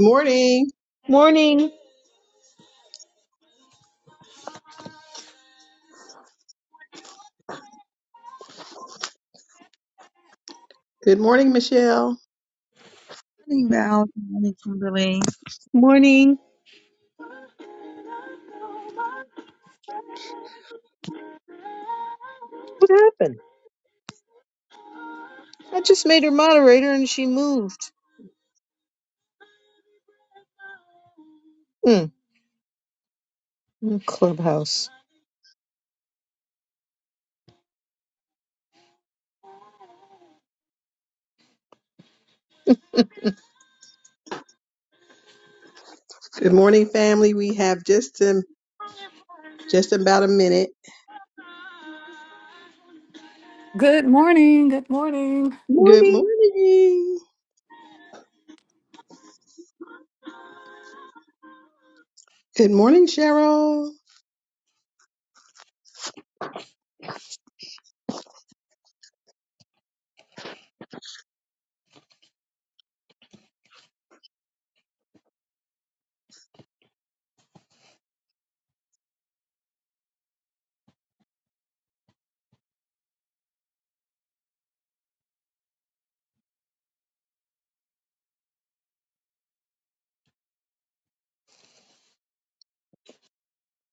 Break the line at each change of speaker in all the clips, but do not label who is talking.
Morning.
Morning,
Good morning, Michelle.
morning, Val. Good morning, Kimberly.
morning. I just made her moderator and she moved. Mm, mm, clubhouse.
Good morning, family. We have just um, just about a minute.
Good morning. Good morning.
Good morning. Good morning, Cheryl.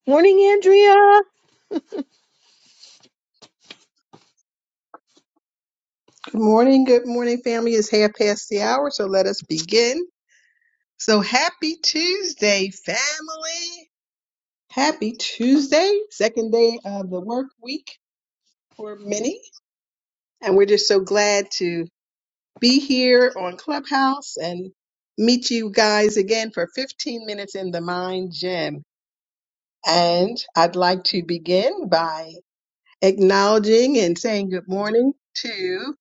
Morning, Andrea.
Good morning. Good morning, family. It's half past the hour, so let us begin. So happy Tuesday, family. Happy Tuesday, second day of the work week for many. And we're just so glad to be here on Clubhouse and meet you guys again for 15 minutes in the Mind Gym. And I'd like to begin by acknowledging and saying good morning to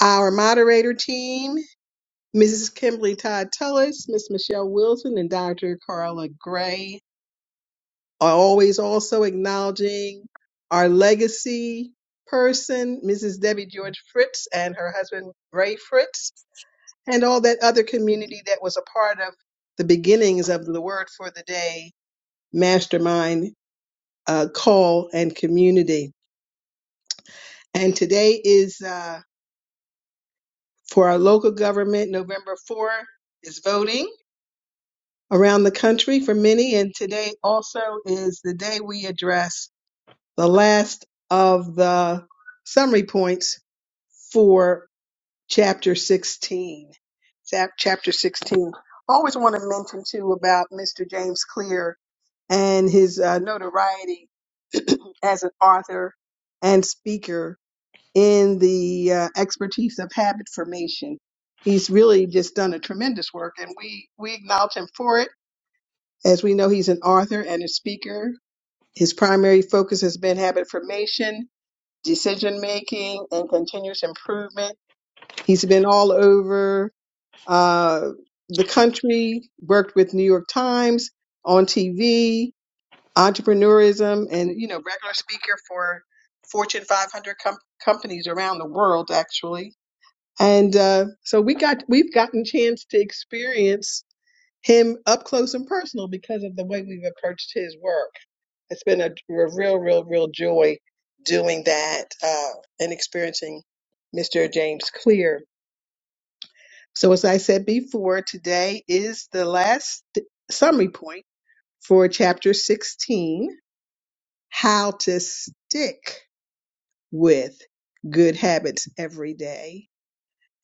our moderator team, Mrs. Kimberly Todd Tullis, Miss Michelle Wilson, and Dr. Carla Gray. Always also acknowledging our legacy person, Mrs. Debbie George Fritz and her husband Ray Fritz, and all that other community that was a part of the beginnings of the Word for the Day Mastermind uh, call and community. And today is uh, for our local government. November 4 is voting around the country for many. And today also is the day we address the last of the summary points for chapter 16. Chap- Chapter 16. I always want to mention too about Mr. James Clear and his uh, notoriety as an author and speaker in the uh, expertise of habit formation. He's really just done a tremendous work, and we, we acknowledge him for it. As we know, he's an author and a speaker. His primary focus has been habit formation, decision making, and continuous improvement. He's been all over uh, the country, worked with New York Times on TV, entrepreneurism, and you know, regular speaker for Fortune 500 com- companies around the world, actually and uh, so we got we've gotten chance to experience him up close and personal because of the way we've approached his work. It's been a, a real, real, real joy doing that uh, and experiencing Mr. James Clear. So as I said before, today is the last summary point for chapter 16, how to stick with good habits every day.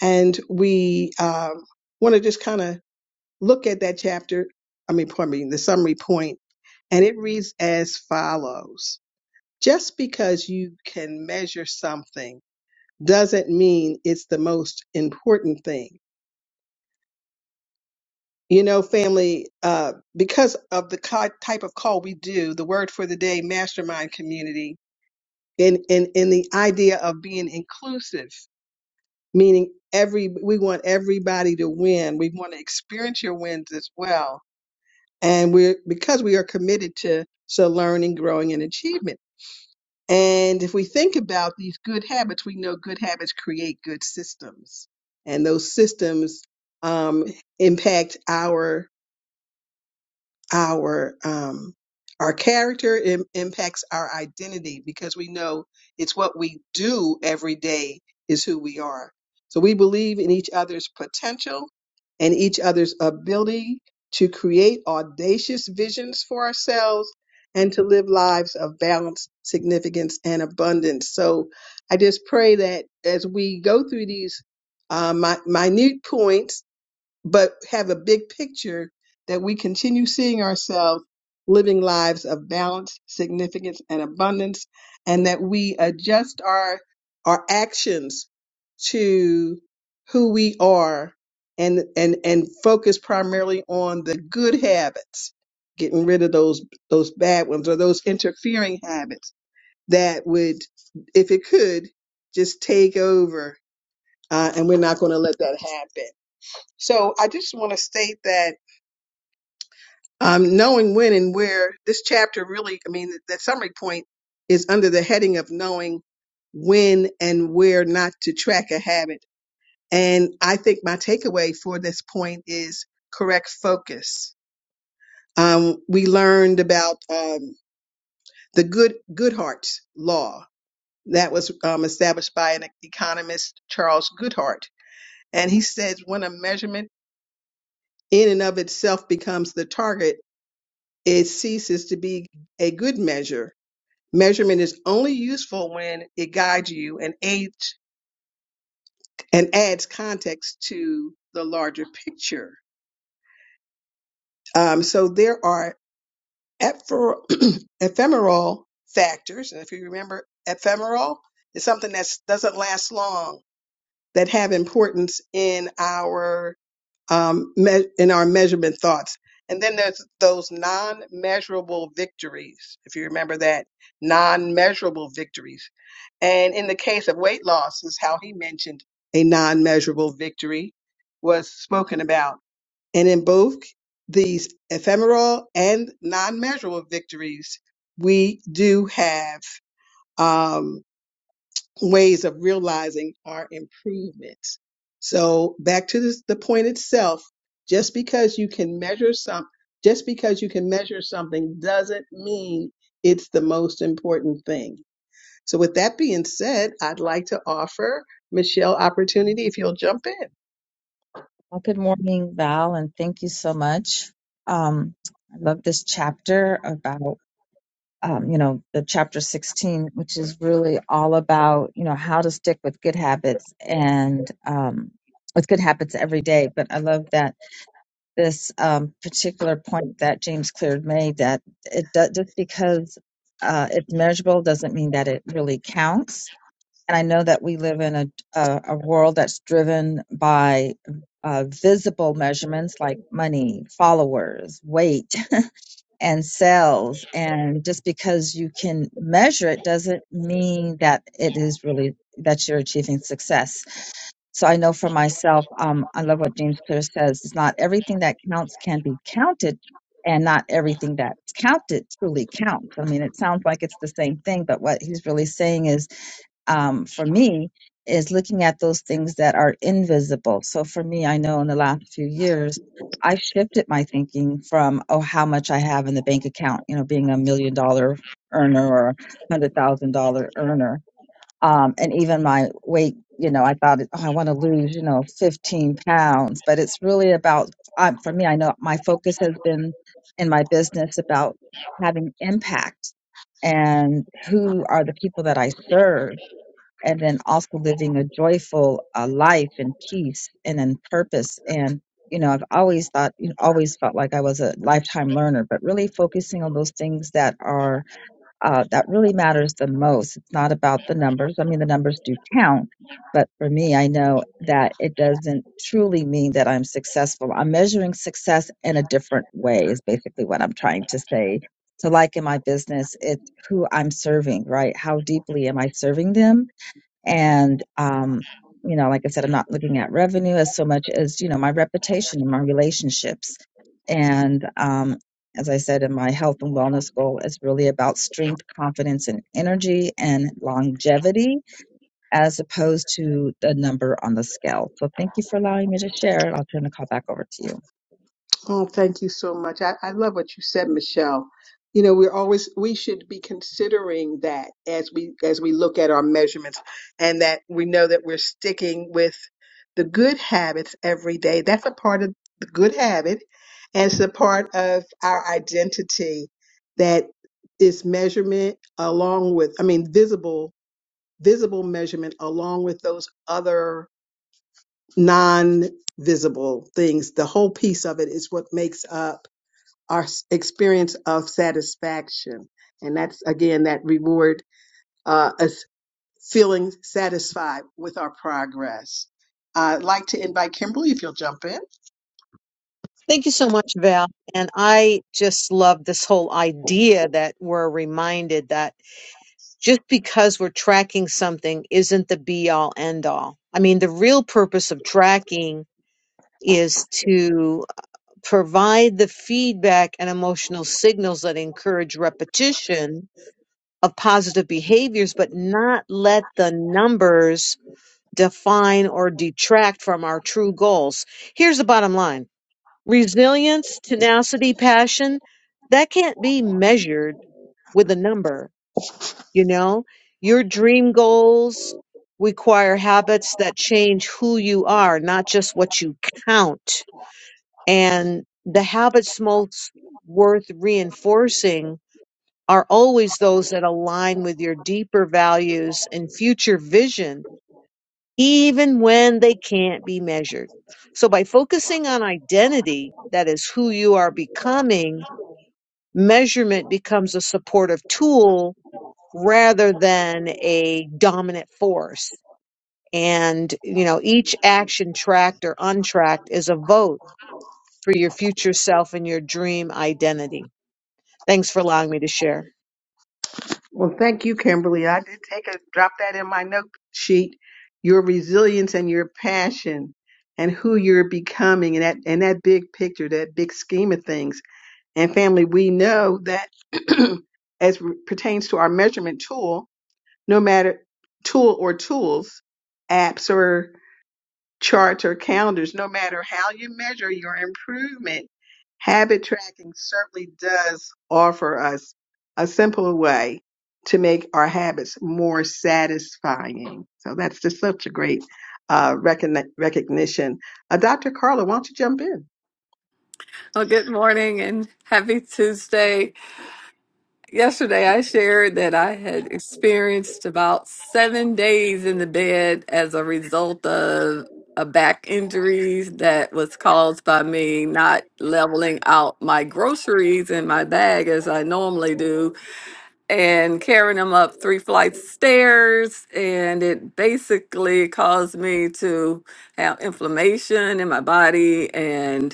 And we um, want to just kind of look at that chapter, I mean, pardon me, the summary point, and it reads as follows. Just because you can measure something doesn't mean it's the most important thing. You know, family, uh, because of the ki- type of call we do, the word for the day, mastermind community, and, and, and the idea of being inclusive, meaning every, we want everybody to win. We want to experience your wins as well and we're because we are committed to so learning growing and achievement and if we think about these good habits we know good habits create good systems and those systems um, impact our our um, our character im- impacts our identity because we know it's what we do every day is who we are. So we believe in each other's potential and each other's ability to create audacious visions for ourselves and to live lives of balance, significance, and abundance. So I just pray that as we go through these uh, mi- minute points but have a big picture that we continue seeing ourselves living lives of balance, significance, and abundance, and that we adjust our our actions to who we are and and and focus primarily on the good habits, getting rid of those those bad ones or those interfering habits that would, if it could, just take over. Uh, and we're not going to let that happen. So I just want to state that um, knowing when and where this chapter really, I mean, that summary point is under the heading of knowing when and where not to track a habit. And I think my takeaway for this point is correct focus. Um, we learned about um, the good Goodhart's law that was um, established by an economist, Charles Goodhart, and he says when a measurement in and of itself becomes the target it ceases to be a good measure. Measurement is only useful when it guides you and aids and adds context to the larger picture. Um, so there are epher- ephemeral factors, and if you remember, ephemeral is something that doesn't last long that have importance in our um, me- in our measurement thoughts. And then there's those non measurable victories, if you remember that, non measurable victories. And in the case of weight loss, is how he mentioned a non measurable victory was spoken about. And in both these ephemeral and non measurable victories, we do have um, ways of realizing our improvement. So back to this, the point itself, just because you can measure some, just because you can measure something doesn't mean it's the most important thing. So with that being said, I'd like to offer Michelle opportunity if you'll jump in.
Well, good morning, Val, and thank you so much. Um, I love this chapter about, um, you know, the chapter 16, which is really all about, you know, how to stick with good habits and um, with good habits every day. But I love that this um, particular point that James Clear made that it does, just because uh, it's measurable doesn't mean that it really counts And I know that we live in a, a, a world that's driven by uh, visible measurements like money, followers, weight, and sales. And just because you can measure it doesn't mean that it is really that you're achieving success. So I know for myself, um, I love what James Clear says. It's not everything that counts can be counted. And not everything that's counted truly counts. I mean, it sounds like it's the same thing, but what he's really saying is um, for me is looking at those things that are invisible. So for me, I know in the last few years, I shifted my thinking from, oh, how much I have in the bank account, you know, being a million dollar earner or hundred thousand dollar earner. Um, and even my weight, you know, I thought, oh, I want to lose, you know, 15 pounds, but it's really about, uh, for me, I know my focus has been in my business about having impact and who are the people that I serve and then also living a joyful uh, life and peace and in purpose. And you know, I've always thought, you know, always felt like I was a lifetime learner, but really focusing on those things that are uh, that really matters the most. It's not about the numbers. I mean, the numbers do count. But for me, I know that it doesn't truly mean that I'm successful. I'm measuring success in a different way, is basically what I'm trying to say. So, like in my business, it's who I'm serving, right? How deeply am I serving them? And, um, you know, like I said, I'm not looking at revenue as so much as, you know, my reputation and my relationships. And, um, as I said in my health and wellness goal, is really about strength, confidence, and energy and longevity as opposed to the number on the scale. So thank you for allowing me to share. I'll turn the call back over to you.
Oh, thank you so much. I, I love what you said, Michelle. You know, we're always we should be considering that as we as we look at our measurements and that we know that we're sticking with the good habits every day. That's a part of the good habit and it's a part of our identity that is measurement along with I mean visible visible measurement along with those other non visible things. The whole piece of it is what makes up our s- experience of satisfaction. And that's again that reward uh, us feeling satisfied with our progress. I'd like to invite Kimberly if you'll jump in.
Thank you so much, Val. And I just love this whole idea that we're reminded that just because we're tracking something isn't the be all end all. I mean, the real purpose of tracking is to provide the feedback and emotional signals that encourage repetition of positive behaviors, but not let the numbers define or detract from our true goals. Here's the bottom line resilience, tenacity, passion, that can't be measured with a number. You know, your dream goals require habits that change who you are, not just what you count. And the habits most worth reinforcing are always those that align with your deeper values and future vision, even when they can't be measured. So by focusing on identity, that is who you are becoming, measurement becomes a supportive tool rather than a dominant force. And, you know, each action tracked or untracked is a vote for your future self and your dream identity. Thanks for allowing me to share.
Well, thank you, Kimberly. I did take a drop that in my note sheet. Your resilience and your passion and who you're becoming and that and that big picture, that big scheme of things. And family, we know that as pertains to our measurement tool, no matter tool or tools, apps or charts or calendars, no matter how you measure your improvement, habit tracking certainly does offer us a simpler way to make our habits more satisfying. So that's just such a great uh, recogni- recognition. Uh, Dr. Carla, why don't you jump in?
Well, good morning and happy Tuesday. Yesterday, I shared that I had experienced about seven days in the bed as a result of a back injury that was caused by me not leveling out my groceries in my bag as I normally do and carrying them up three flights of stairs. And it basically caused me to have inflammation in my body and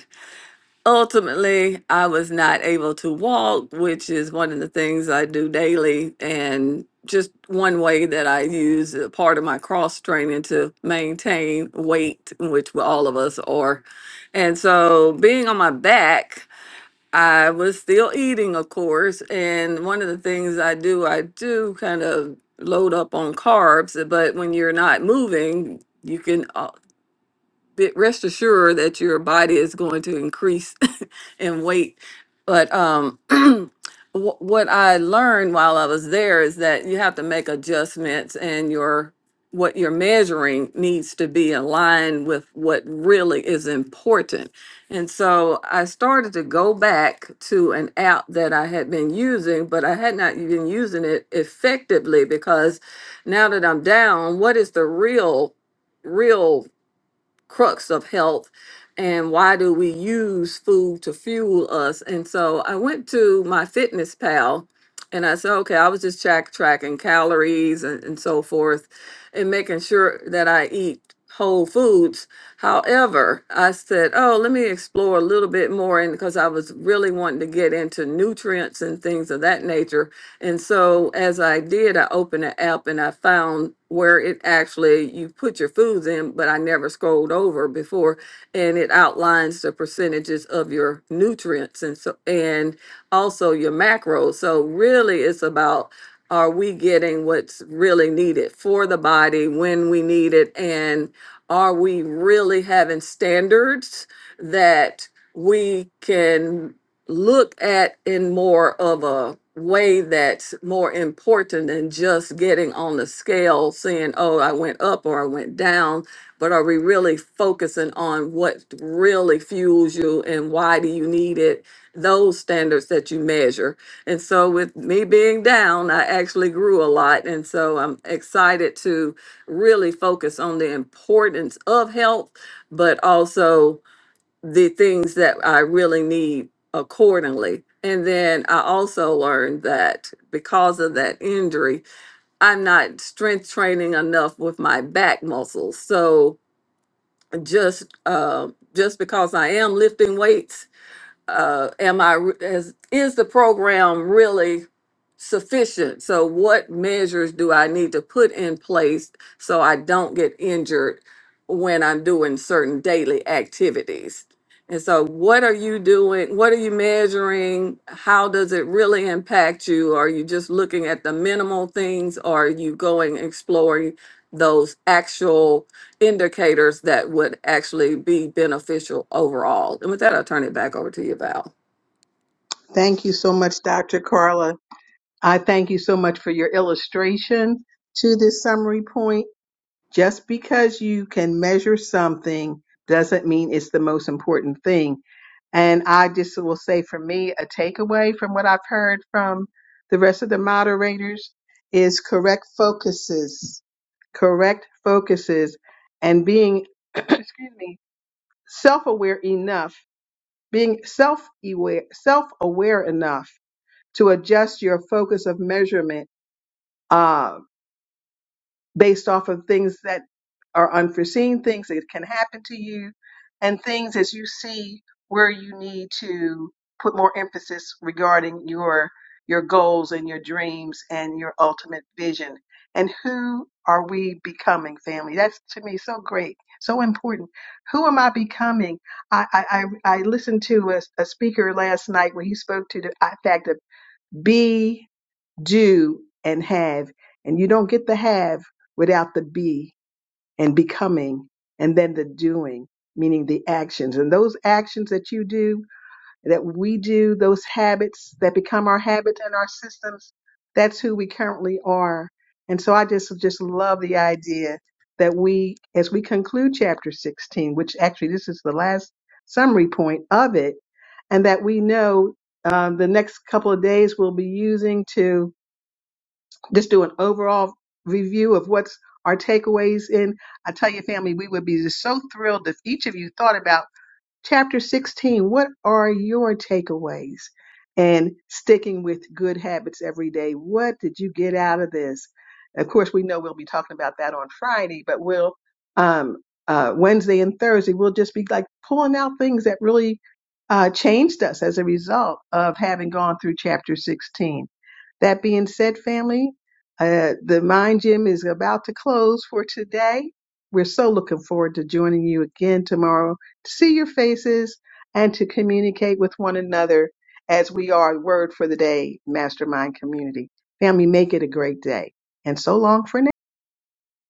Ultimately, I was not able to walk, which is one of the things I do daily. And just one way that I use a part of my cross training to maintain weight, which all of us are. And so, being on my back, I was still eating, of course. And one of the things I do, I do kind of load up on carbs, but when you're not moving, you can. uh, be- rest assured that your body is going to increase in weight. But um, wh- what I learned while I was there is that you have to make adjustments, and your what you're measuring needs to be in line with what really is important. And so I started to go back to an app that I had been using, but I had not been using it effectively because now that I'm down, what is the real, real crux of health and why do we use food to fuel us and so i went to my fitness pal and i said okay i was just track tracking calories and, and so forth and making sure that i eat whole foods however i said oh let me explore a little bit more and because i was really wanting to get into nutrients and things of that nature and so as I did, I opened the app and I found where it actually you put your foods in, but I never scrolled over before and it outlines the percentages of your nutrients and so and also your macros. So really it's about are we getting what's really needed for the body when we need it and are we really having standards that we can look at in more of a way that's more important than just getting on the scale saying oh i went up or i went down but are we really focusing on what really fuels you and why do you need it those standards that you measure and so with me being down i actually grew a lot and so i'm excited to really focus on the importance of health but also the things that I really need accordingly. And then I also learned that because of that injury, I'm not strength training enough with my back muscles. So just uh, just because I am lifting weights uh, am I is, is the program really sufficient? So what measures do I need to put in place so I don't get injured when I'm doing certain daily activities? And so what are you doing? What are you measuring? How does it really impact you? Are you just looking at the minimal things? Or are you going exploring those actual indicators that would actually be beneficial overall. And with that, I'll turn it back over to you, Val.
Thank you so much, Dr. Carla. I thank you so much for your illustration to this summary point just because you can measure something doesn't mean it's the most important thing. And I just will say for me, a takeaway from what I've heard from the rest of the moderators is correct focuses, correct focuses, and being, excuse me, self aware enough, being self aware, self aware enough to adjust your focus of measurement uh, based off of things that are unforeseen, things that can happen to you, and things as you see where you need to put more emphasis regarding your your goals and your dreams and your ultimate vision. And who are we becoming, family? That's to me so great, so important. Who am I becoming? I I, I I listened to a, a speaker last night where he spoke to the fact of be do, and have. And you don't get the have without the be and becoming and then the doing, meaning the actions. And those actions that you do, that we do, those habits that become our habits and our systems, that's who we currently are. And so I just just love the idea that we as we conclude chapter 16, which actually this is the last summary point of it, and that we know um, the next couple of days we'll be using to just do an overall review of what's our takeaways in. I tell you, family, we would be just so thrilled if each of you thought about chapter 16 what are your takeaways and sticking with good habits every day what did you get out of this of course we know we'll be talking about that on friday but we'll um, uh, wednesday and thursday we'll just be like pulling out things that really uh, changed us as a result of having gone through chapter 16 that being said family uh, the mind gym is about to close for today we're so looking forward to joining you again tomorrow to see your faces and to communicate with one another as we are Word for the Day Mastermind Community. Family, make it a great day. And so long for now.